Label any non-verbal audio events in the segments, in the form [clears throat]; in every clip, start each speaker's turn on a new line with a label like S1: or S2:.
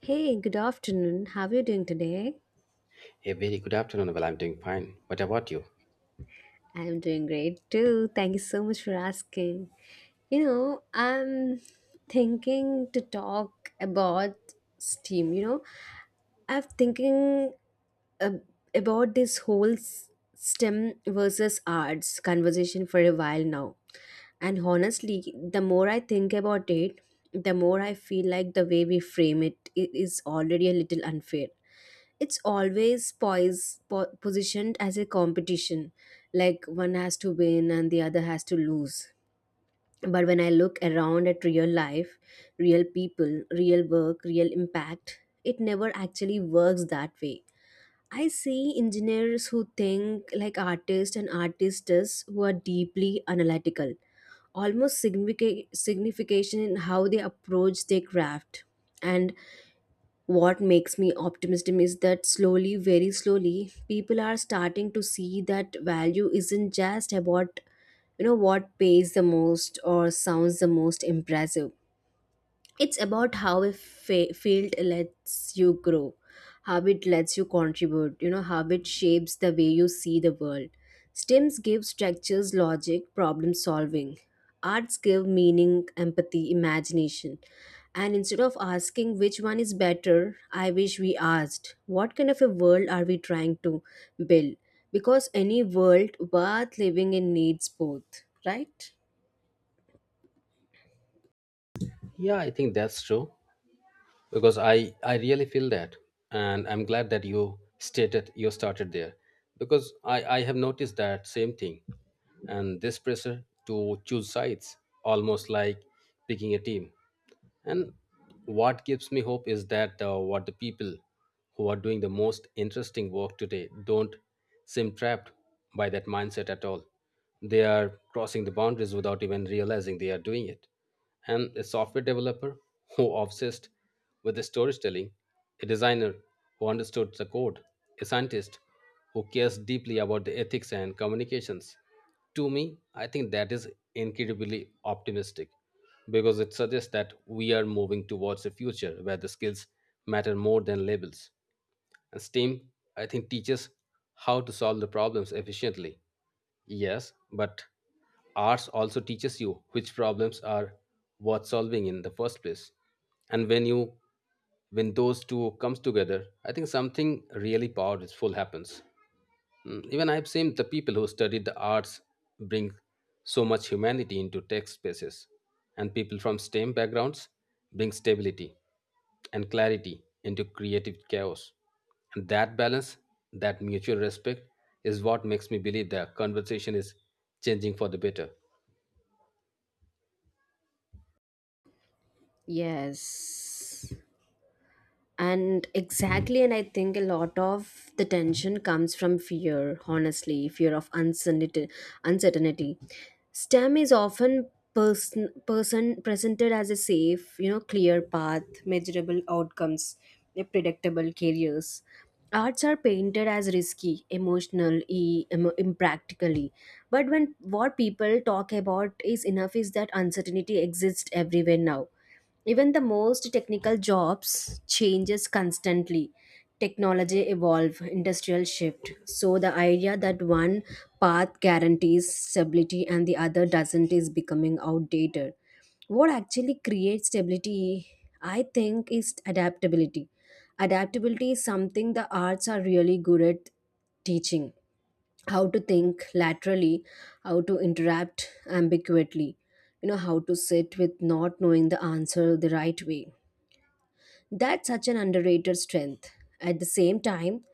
S1: Hey, good afternoon. How are you doing today?
S2: A very good afternoon. Well, I'm doing fine. What about you?
S1: I am doing great too. Thank you so much for asking. I'm thinking to talk about STEAM. I'm thinking ab- about this whole STEM versus arts conversation for a while now. And honestly, the more I think about it, the more I feel like the way we frame is already a little unfair. It's always positioned as a competition, like one has to win and the other has to lose. But when I look around at real life, real people, real work, real impact, it never actually works that way. I see engineers who think like artists and artistes who are deeply analytical, almost signification in how they approach their craft. And what makes me optimistic is that slowly, very slowly, people are starting to see that value isn't just about, what pays the most or sounds the most impressive. It's about how a field lets you grow, how it lets you contribute, how it shapes the way you see the world. STEMs give structures, logic, problem solving. Arts give meaning, empathy, imagination. And instead of asking which one is better, I wish we asked, what kind of a world are we trying to build? Because any world worth living in needs both, right?
S2: Yeah, I think that's true because I really feel that, and I'm glad that you started there because I have noticed that same thing, and this pressure to choose sides almost like picking a team. And what gives me hope is that what the people who are doing the most interesting work today don't seem trapped by that mindset at all. They are crossing the boundaries without even realizing they are doing it. And a software developer who obsessed with the storytelling, a designer who understood the code, a scientist who cares deeply about the ethics and communications. To me, I think that is incredibly optimistic because it suggests that we are moving towards a future where the skills matter more than labels. And STEAM, I think, teaches how to solve the problems efficiently. Yes, but arts also teaches you which problems are worth solving in the first place. And when those two comes together, I think something really powerful happens. Mm, even I've seen the people who study the arts bring so much humanity into tech spaces, and people from STEM backgrounds bring stability and clarity into creative chaos. And that balance, that mutual respect, is what makes me believe the conversation is changing for the better.
S1: Yes. And exactly, and I think a lot of the tension comes from fear, honestly, fear of uncertainty. Uncertainty, STEM is often person presented as a safe, clear path, measurable outcomes, a predictable careers. Arts are painted as risky, emotional, impractically. But when what people talk about is enough is that uncertainty exists everywhere now. Even the most technical jobs changes constantly. Technology evolve, industrial shift, so the idea that one path guarantees stability and the other doesn't is becoming outdated. What actually creates stability, I think, is adaptability. Adaptability is something the arts are really good at teaching: how to think laterally, how to interrupt ambiguously, how to sit with not knowing the answer the right way. That's such an underrated strength. At the same time,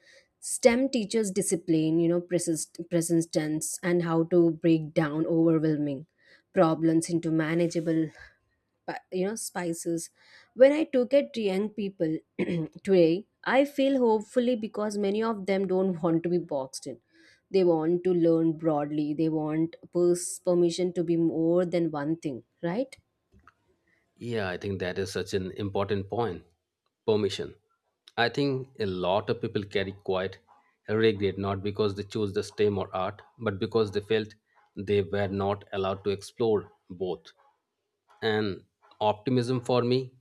S1: STEM teaches discipline, persistence, and how to break down overwhelming problems into manageable spices. When I took at young people [clears throat] today, I feel hopefully because many of them don't want to be boxed in. They want to learn broadly, they want permission to be more than one thing, right?
S2: Yeah, I think that is such an important point. Permission. I think a lot of people carry quite a regret not because they chose the STEM or art, but because they felt they were not allowed to explore both. And optimism for me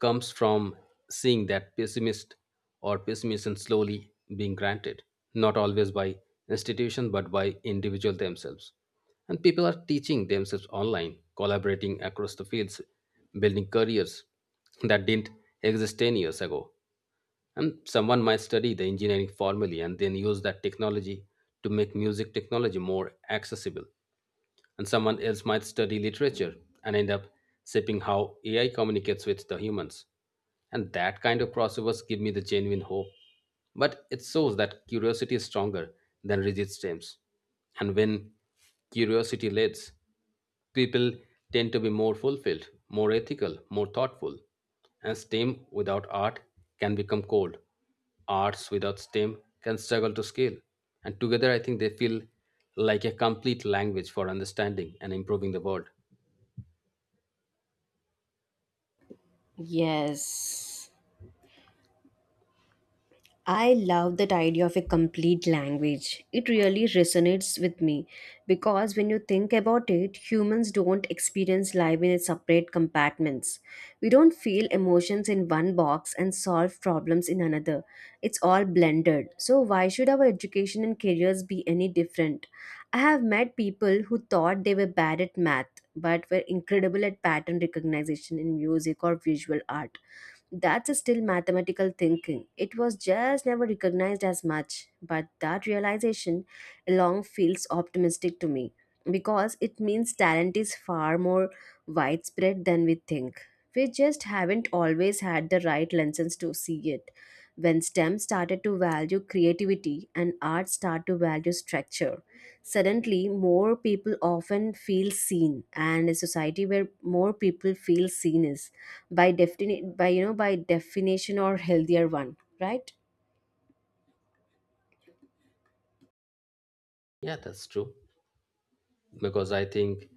S2: comes from seeing that pessimist or pessimism slowly being granted, not always by institutions, but by individual themselves. And people are teaching themselves online, collaborating across the fields, building careers that didn't exist 10 years ago. And someone might study the engineering formally and then use that technology to make music technology more accessible and someone else might study literature and end up shaping how AI communicates with the humans. And that kind of crossovers give me the genuine hope. But it shows that curiosity is stronger than rigid stems. And when curiosity leads, people tend to be more fulfilled, more ethical, more thoughtful. And STEM without art can become cold. Arts without STEM can struggle to scale. And together, I think they feel like a complete language for understanding and improving the world.
S1: Yes. I love that idea of a complete language. It really resonates with me because when you think about it, humans don't experience life in separate compartments. We don't feel emotions in one box and solve problems in another. It's all blended. So, why should our education and careers be any different? I have met people who thought they were bad at math but were incredible at pattern recognition in music or visual art. That's still mathematical thinking. It was just never recognized as much, but that realization along feels optimistic to me because it means talent is far more widespread than we think. We just haven't always had the right lenses to see it. When STEM started to value creativity and art started to value structure, suddenly more people often feel seen, and a society where more people feel seen is by defini- by you know by definition or healthier one, right?
S2: Yeah, that's true. Because I think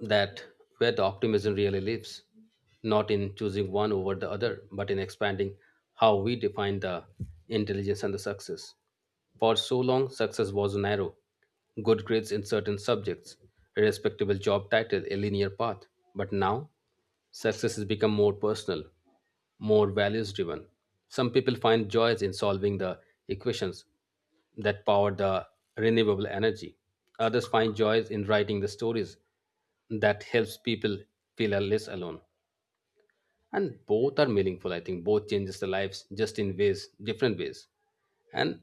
S2: that where the optimism really lives, not in choosing one over the other, but in expanding how we define the intelligence and the success. For so long, success was narrow, good grades in certain subjects, a respectable job title, a linear path. But now, success has become more personal, more values driven. Some people find joys in solving the equations that power the renewable energy. Others find joys in writing the stories that helps people feel less alone, and both are meaningful. I think both changes the lives just in ways different ways. And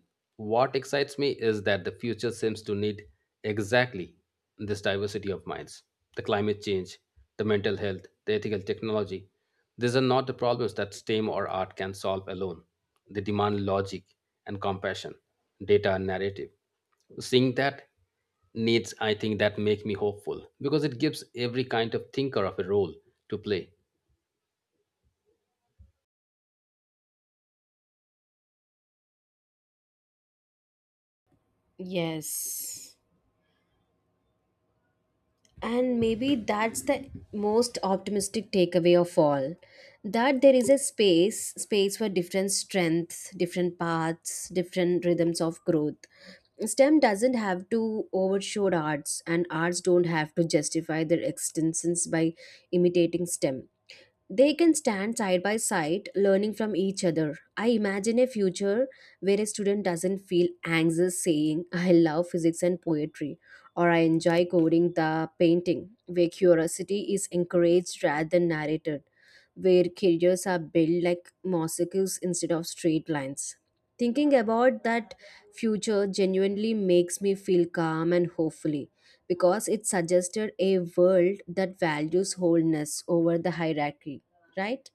S2: what excites me is that the future seems to need exactly this diversity of minds, the climate change, the mental health, the ethical technology. These are not the problems that stem or art can solve alone. They demand logic and compassion, data and narrative. Seeing that needs, I think, that make me hopeful because it gives every kind of thinker of a role to play.
S1: Yes. And maybe that's the most optimistic takeaway of all, that there is a space for different strengths, different paths, different rhythms of growth. STEM doesn't have to overshoot arts, and arts don't have to justify their existence by imitating STEM. They can stand side by side, learning from each other. I imagine a future where a student doesn't feel anxious saying, I love physics and poetry, or I enjoy coding the painting, where curiosity is encouraged rather than narrated, where careers are built like mosaics instead of straight lines. Thinking about that future genuinely makes me feel calm and hopefully because it suggested a world that values wholeness over the hierarchy, right?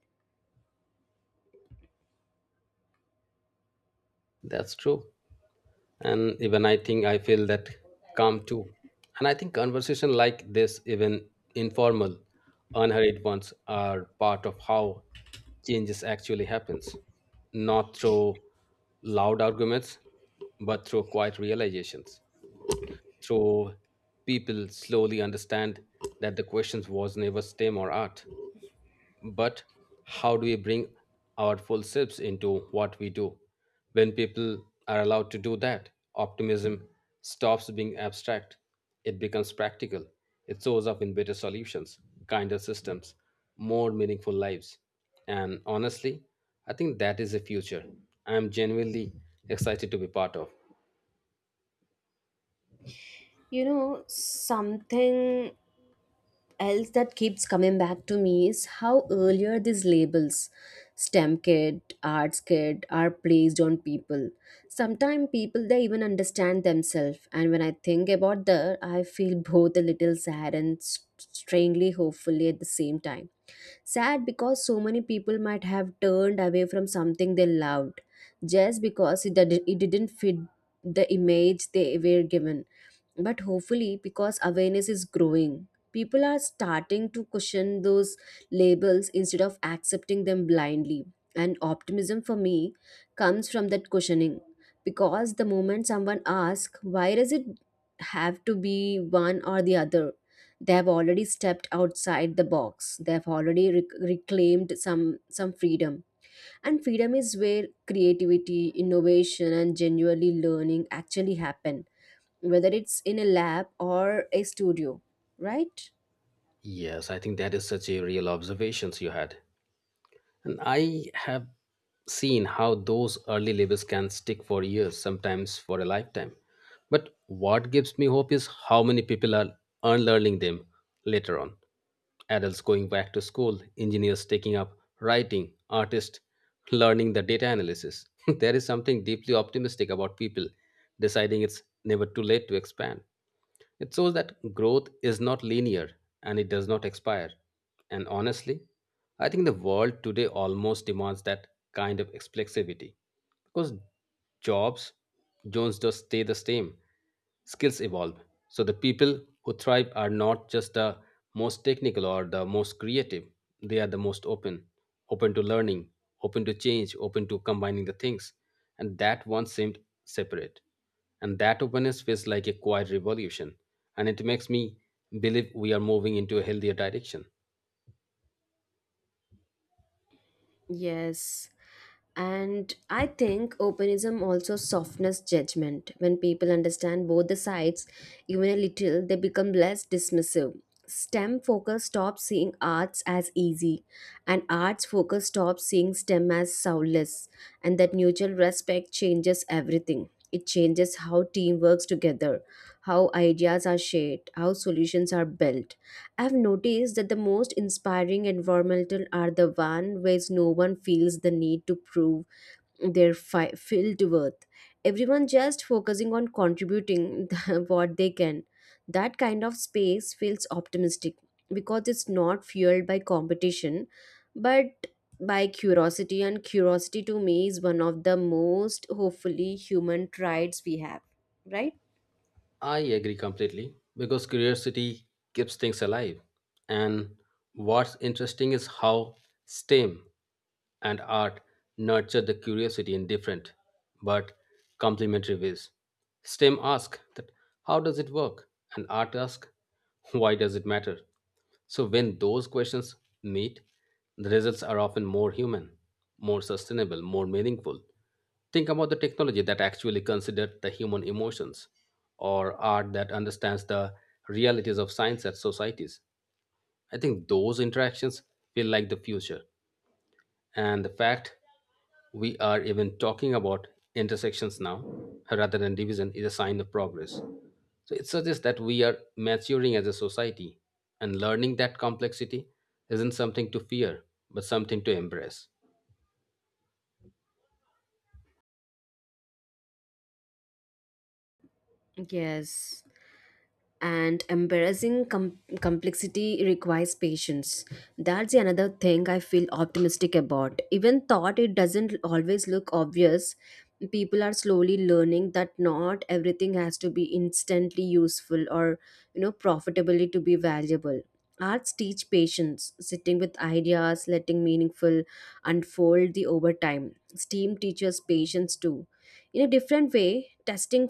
S2: That's true, and even I think I feel that calm too. And I think conversation like this, even informal, unhurried ones, are part of how changes actually happens, not through loud arguments, but through quiet realizations, through people slowly understand that the questions was never STEM or art, but how do we bring our full selves into what we do. When people are allowed to do that, optimism stops being abstract. It becomes practical. It shows up in better solutions, kinder systems, more meaningful lives. And honestly, I think that is the future I'm genuinely excited to be part of.
S1: You know, something else that keeps coming back to me is how earlier these labels, STEM kid, arts kid, are placed on people. Sometimes people they even understand themselves, and when I think about that I feel [laughs] both a little sad and strangely hopefully at the same time. Sad because so many people might have turned away from something they loved just because it didn't fit the image they were given. But hopefully because awareness is growing, people are starting to question those labels instead of accepting them blindly. And optimism for me comes from that questioning, because the moment someone asks, why does it have to be one or the other, they have already stepped outside the box, they have already reclaimed some freedom. And freedom is where creativity, innovation, and genuinely learning actually happen, whether it's in a lab or a studio, right?
S2: Yes, I think that is such a real observations you had. And I have seen how those early labels can stick for years, sometimes for a lifetime. But what gives me hope is how many people are unlearning them later on. Adults going back to school, engineers taking up writing, artists learning the data analysis. [laughs] There is something deeply optimistic about people deciding it's never too late to expand. It shows that growth is not linear and it does not expire. And honestly, I think the world today almost demands that kind of explexivity because jobs, Jones does stay the same, skills evolve. So the people who thrive are not just the most technical or the most creative, they are the most open, open to learning, open to change, open to combining the things. And that once seemed separate. And that openness feels like a quiet revolution. And it makes me believe we are moving into a healthier direction.
S1: Yes. And I think openism also softens judgment. When people understand both the sides, even a little, they become less dismissive. STEM focus stops seeing arts as easy, and arts focus stops seeing STEM as soulless. And that mutual respect changes everything. It changes how team works together, how ideas are shared, how solutions are built. I've noticed that the most inspiring environmental are the one where no one feels the need to prove their filled worth. Everyone just focusing on contributing [laughs] what they can. That kind of space feels optimistic because it's not fueled by competition, but by curiosity, and curiosity to me is one of the most hopefully human traits we have, right?
S2: I agree completely because curiosity keeps things alive. And what's interesting is how STEM and art nurture the curiosity in different but complementary ways. STEM asks that how does it work? And art asks [laughs] why does it matter? So when those questions meet, the results are often more human, more sustainable, more meaningful. Think about the technology that actually considered the human emotions or art that understands the realities of science and societies. I think those interactions feel like the future. And the fact we are even talking about intersections now rather than division is a sign of progress. So it suggests that we are maturing as a society and learning that complexity isn't something to fear, but something to embrace.
S1: Yes. And embarrassing complexity requires patience. That's the another thing I feel optimistic about, even thought it doesn't always look obvious. People are slowly learning that not everything has to be instantly useful or, profitably to be valuable. Arts teach patience, sitting with ideas, letting meaningful unfold the over time. Steam teaches patience too, in a different way, testing,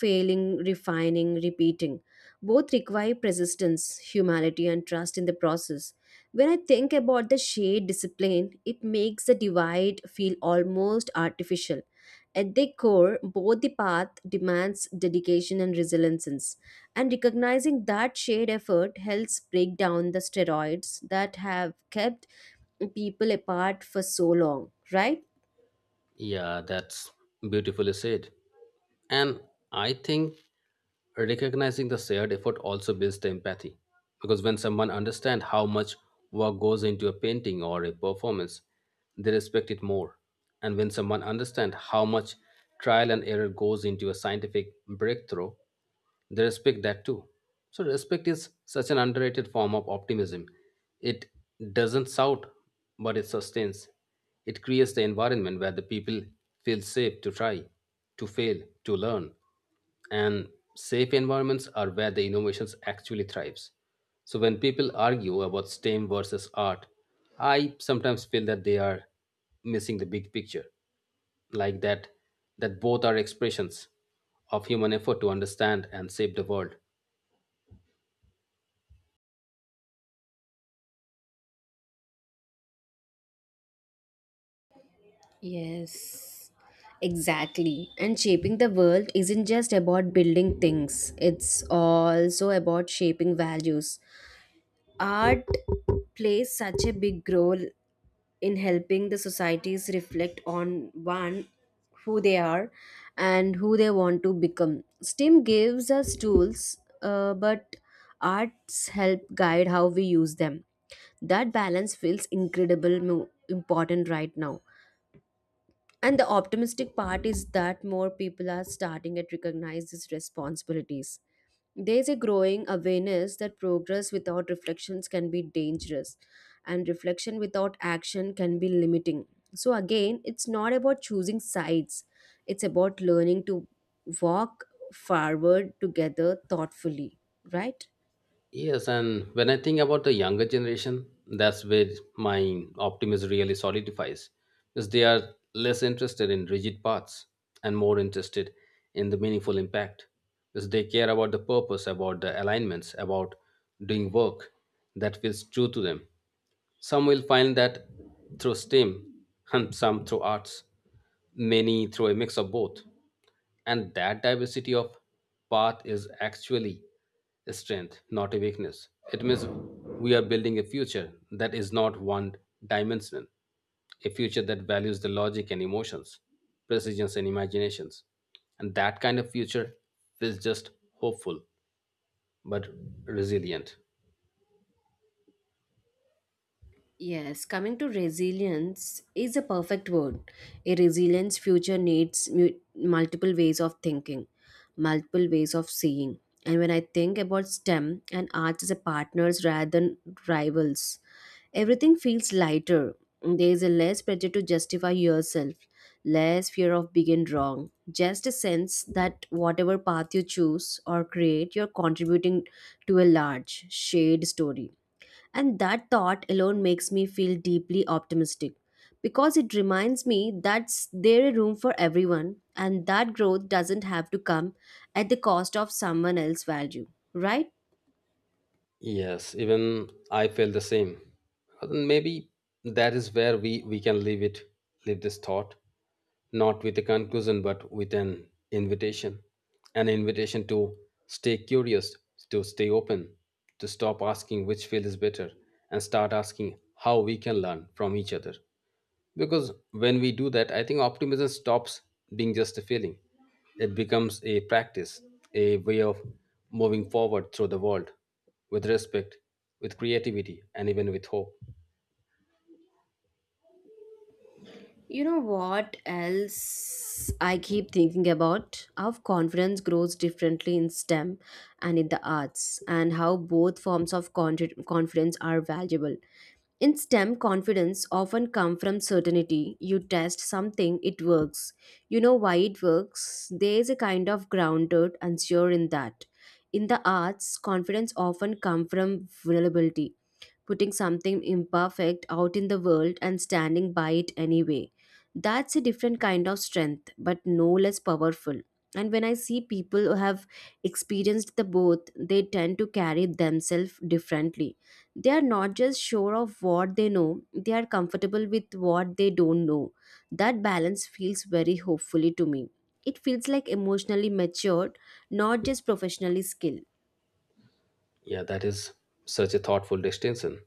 S1: failing, refining, repeating. Both require persistence, humanity, and trust in the process. When I think about the shade discipline, it makes the divide feel almost artificial. At their core, both the path demands dedication and resilience, and recognizing that shared effort helps break down the steroids that have kept people apart for so long, right?
S2: Yeah, that's beautifully said. And I think recognizing the shared effort also builds the empathy. Because when someone understands how much work goes into a painting or a performance, they respect it more. And when someone understands how much trial and error goes into a scientific breakthrough, they respect that too. So, respect is such an underrated form of optimism. It doesn't shout, but it sustains. It creates the environment where the people feel safe to try, to fail, to learn. And safe environments are where the innovations actually thrives. So when people argue about STEM versus art, I sometimes feel that they are missing the big picture, like that both are expressions of human effort to understand and save the world.
S1: Yes, exactly. And shaping the world isn't just about building things, it's also about shaping values. Art plays such a big role in helping the societies reflect on one who they are and who they want to become. STEM gives us tools, but arts help guide how we use them. That balance feels incredible important right now, and the optimistic part is that more people are starting to recognize these responsibilities. There's a growing awareness that progress without reflections can be dangerous, and reflection without action can be limiting. So, again, it's not about choosing sides, it's about learning to walk forward together thoughtfully, right?
S2: Yes, and when I think about the younger generation, that's where my optimism really solidifies, because they are less interested in rigid paths and more interested in the meaningful impact, because they care about the purpose, about the alignments, about doing work that feels true to them. Some will find that through STEM, and some through arts, many through a mix of both. And that diversity of path is actually a strength, not a weakness. It means we are building a future that is not one dimensional, a future that values the logic and emotions, precisions and imaginations. And that kind of future is just hopeful but resilient.
S1: Yes, coming to resilience is a perfect word. A resilient future needs multiple ways of thinking, multiple ways of seeing. And when I think about STEM and arts as a partners rather than rivals, everything feels lighter. There is a less pressure to justify yourself, less fear of being wrong, just a sense that whatever path you choose or create, you're contributing to a large, shared story. And that thought alone makes me feel deeply optimistic because it reminds me that there is room for everyone and that growth doesn't have to come at the cost of someone else's value, right?
S2: Yes, even I feel the same. And maybe that is where we can leave it, leave this thought. Not with a conclusion, but with an invitation. An invitation to stay curious, to stay open, to stop asking which field is better, and start asking how we can learn from each other. Because when we do that, I think optimism stops being just a feeling. It becomes a practice, a way of moving forward through the world with respect, with creativity, and even with hope.
S1: You know what else I keep thinking about? How confidence grows differently in STEM and in the arts, and how both forms of confidence are valuable. In STEM, confidence often come from certainty. You test something, it works. You know why it works. There is a kind of grounded and sure in that. In the arts, confidence often come from vulnerability, putting something imperfect out in the world and standing by it anyway. That's a different kind of strength, but no less powerful. And when I see people who have experienced the both, they tend to carry themselves differently. They are not just sure of what they know, they are comfortable with what they don't know. That balance feels very hopefully to me. It feels like emotionally matured, not just professionally skilled.
S2: Yeah, that is such a thoughtful distinction.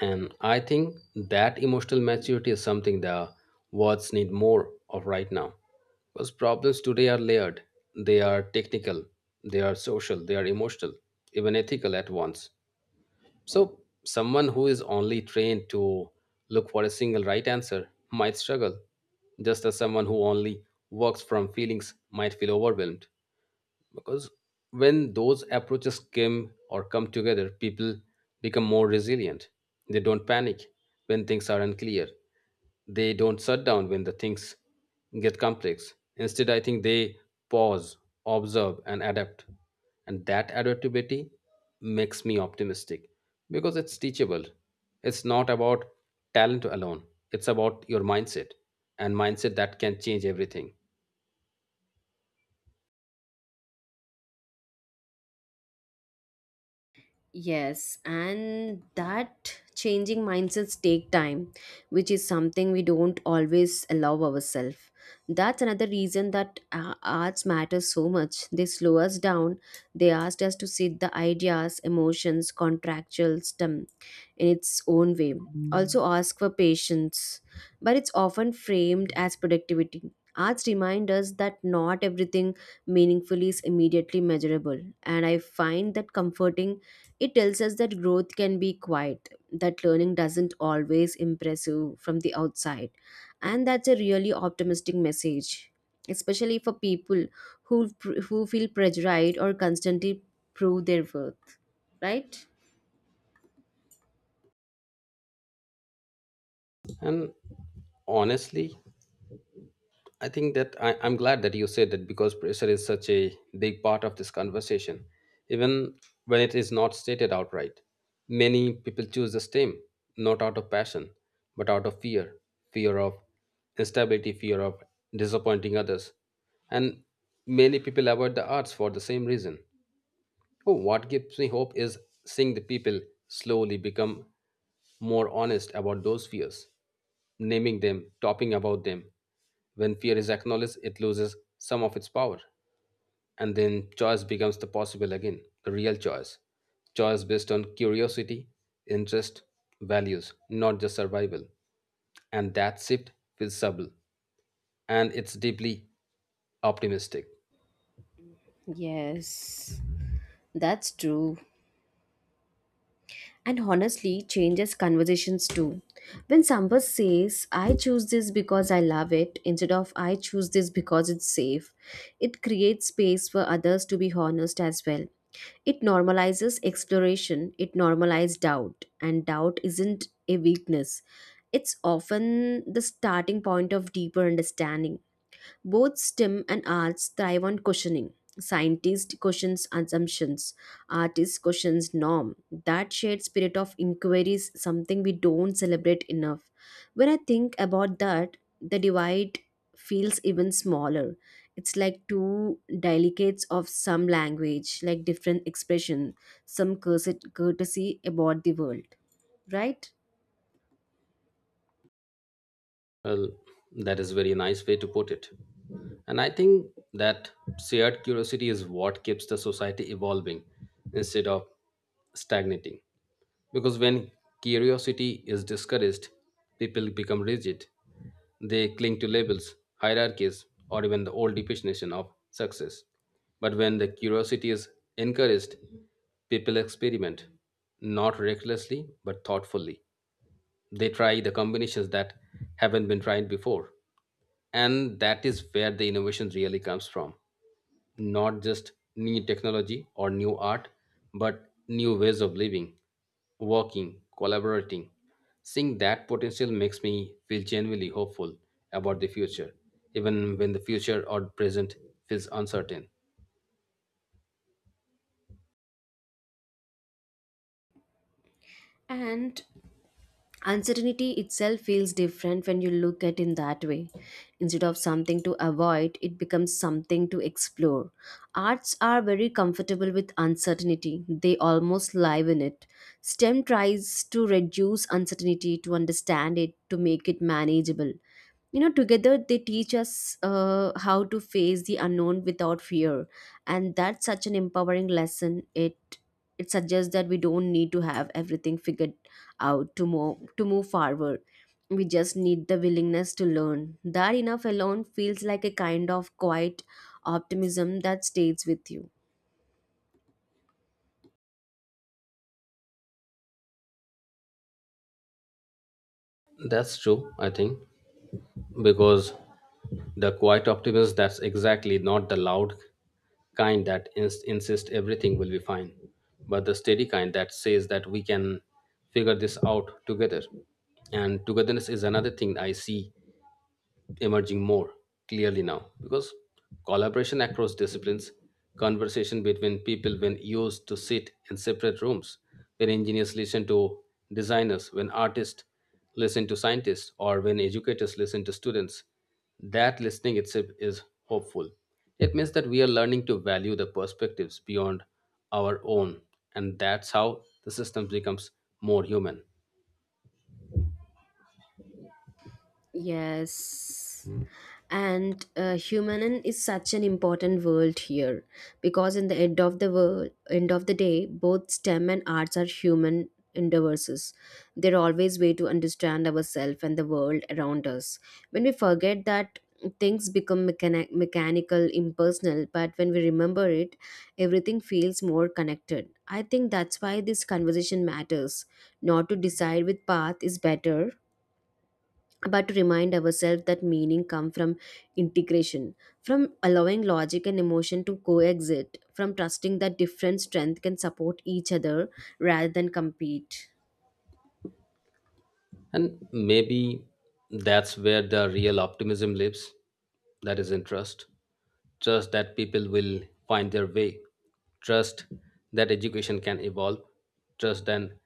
S2: And I think that emotional maturity is something the words need more of right now. Because problems today are layered, they are technical, they are social, they are emotional, even ethical at once. So, someone who is only trained to look for a single right answer might struggle, just as someone who only works from feelings might feel overwhelmed because when those approaches come or come together, people become more resilient. They don't panic when things are unclear. They don't shut down when the things get complex. Instead, I think they pause, observe and adapt. And that adaptability makes me optimistic because it's teachable. It's not about talent alone. It's about your mindset, and mindset that can change everything.
S1: Yes, and that changing mindsets take time, which is something we don't always allow ourselves. That's another reason that arts matter so much. They slow us down. They asked us to sit the ideas, emotions, contractual stem in its own way. Also ask for patience, but it's often framed as productivity. Arts remind us that not everything meaningful is immediately measurable, and I find that comforting. It tells us that growth can be quiet, that learning doesn't always impress you from the outside, and that's a really optimistic message, especially for people who who feel pressurized or constantly prove their worth, right?
S2: And honestly, I think I'm glad that you said that because pressure is such a big part of this conversation, even when it is not stated outright. Many people choose the same, not out of passion, but out of fear of instability, fear of disappointing others. And many people avoid the arts for the same reason. Oh, what gives me hope is seeing the people slowly become more honest about those fears, naming them, talking about them. When fear is acknowledged, it loses some of its power. And then choice becomes the possible again, the real choice. Choice based on curiosity, interest, values, not just survival. And that shift feels subtle and it's deeply optimistic.
S1: Yes, that's true. And honestly changes conversations too. When someone says, I choose this because I love it, instead of I choose this because it's safe, it creates space for others to be honest as well. It normalizes exploration, it normalizes doubt, and doubt isn't a weakness. It's often the starting point of deeper understanding. Both STEM and arts thrive on questioning. Scientists question assumptions, artists question norm. That shared spirit of inquiry is something we don't celebrate enough. When I think about that, the divide feels even smaller. It's like two delicates of some language, like different expression, courtesy about the world, right?
S2: Well, that is a very nice way to put it. And I think that shared curiosity is what keeps the society evolving instead of stagnating. Because when curiosity is discouraged, people become rigid. They cling to labels, hierarchies, or even the old definition of success. But when the curiosity is encouraged, people experiment, not recklessly, but thoughtfully. They try the combinations that haven't been tried before, and that is where the innovation really comes from, not just new technology or new art, but new ways of living, working, collaborating. Seeing that potential makes me feel genuinely hopeful about the future, even when the future or present feels uncertain.
S1: And uncertainty itself feels different when you look at in that way. Instead of something to avoid, it becomes something to explore. Arts are very comfortable with uncertainty. They almost live in it. STEM tries to reduce uncertainty to understand it, to make it manageable. You know, together they teach us how to face the unknown without fear, and that's such an empowering lesson. It suggests that we don't need to have everything figured out to move forward. We just need the willingness to learn. That enough alone feels like a kind of quiet optimism that stays with you.
S2: That's true, I think, because the quiet optimist, that's exactly not the loud kind that insist everything will be fine, but the steady kind that says that we can figure this out together. And togetherness is another thing I see emerging more clearly now because collaboration across disciplines, conversation between people when used to sit in separate rooms, when engineers listen to designers, when artists listen to scientists, or when educators listen to students, that listening itself is hopeful. It means that we are learning to value the perspectives beyond our own, and that's how the system becomes more human.
S1: Yes. And humanin is such an important word here, because in the end of the world, end of the day, both STEM and arts are human endeavors. They're always way to understand ourselves and the world around us. When we forget that, things become mechanical, impersonal, but when we remember it, everything feels more connected. I think that's why this conversation matters. Not to decide which path is better, but to remind ourselves that meaning come from integration, from allowing logic and emotion to coexist, from trusting that different strength can support each other rather than compete.
S2: And maybe that's where the real optimism lives. That is in trust. Trust that people will find their way. Trust that education can evolve. Trust and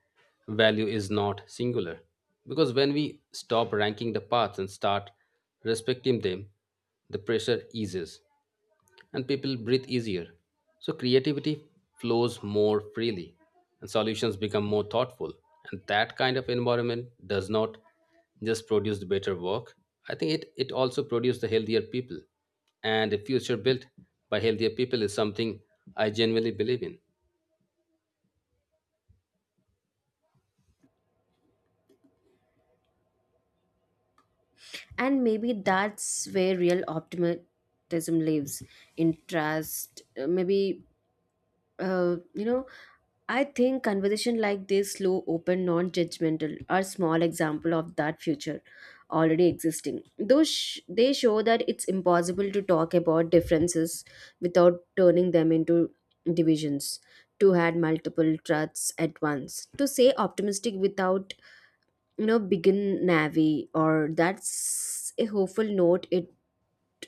S2: value is not singular. Because when we stop ranking the paths and start respecting them, the pressure eases and people breathe easier. So creativity flows more freely and solutions become more thoughtful. And that kind of environment does not just produce the better work. I think it also produces the healthier people. And a future built by healthier people is something I genuinely believe in.
S1: And maybe that's where real optimism lives, in trust. Uh, maybe Uh, you know, I think conversation like this, slow, open, non-judgmental, are small example of that future already existing. They show that it's impossible to talk about differences without turning them into divisions. To had multiple truths at once. To say optimistic without begin navy, or that's a hopeful note. It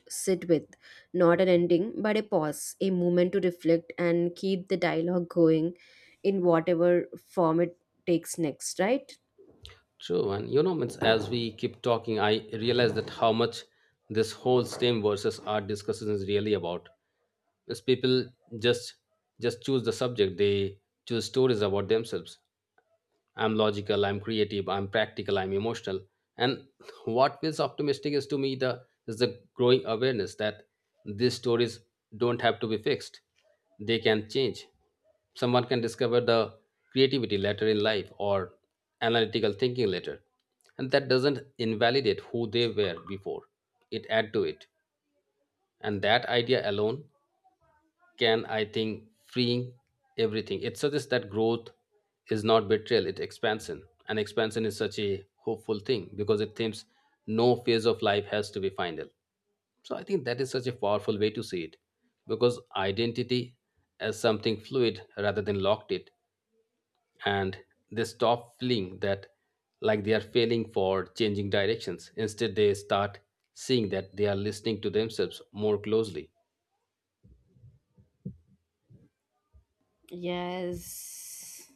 S1: sit with not an ending but a pause, a moment to reflect and keep the dialogue going in whatever form it takes next, right?
S2: True, and you know, means as we keep talking, I realize that how much this whole STEM versus art discussion is really about. These people just just choose the subject. They choose stories about themselves. I'm logical. I'm creative. I'm practical. I'm emotional. And [laughs] what feels optimistic is to me the is the growing awareness that these stories don't have to be fixed. They can change. Someone can discover the creativity later in life or analytical thinking later, and that doesn't invalidate who they were before. It add to it. And that idea alone can, I think, freeing everything. It suggests that growth is not betrayal, it's expansion, and expansion is such a hopeful thing because it thinks no phase of life has to be final. So I think that is such a powerful way to see it, because identity as something fluid rather than locked it. And they stop feeling that like they are failing for changing directions. Instead, they start seeing that they are listening to themselves more closely.
S1: Yes.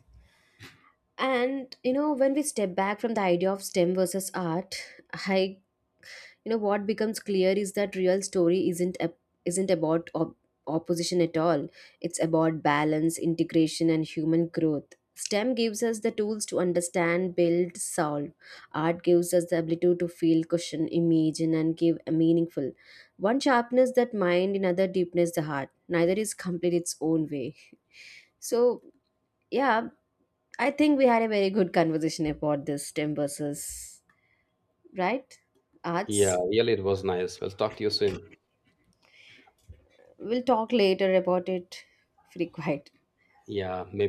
S1: And you know, when we step back from the idea of stem versus art, I you know what becomes clear is that real story isn't about opposition at all. It's about balance, integration and human growth. STEM gives us the tools to understand, build, solve. Art gives us the ability to feel, question, imagine and give a meaningful one. Sharpness that mind, another deepness the heart, neither is complete its own way. [laughs] So yeah, I think we had a very good conversation about this stem versus, right,
S2: Yeah,
S1: arts.
S2: really it was nice. We'll talk to you soon.
S1: We'll talk later about it [laughs] if required.
S2: Yeah, maybe.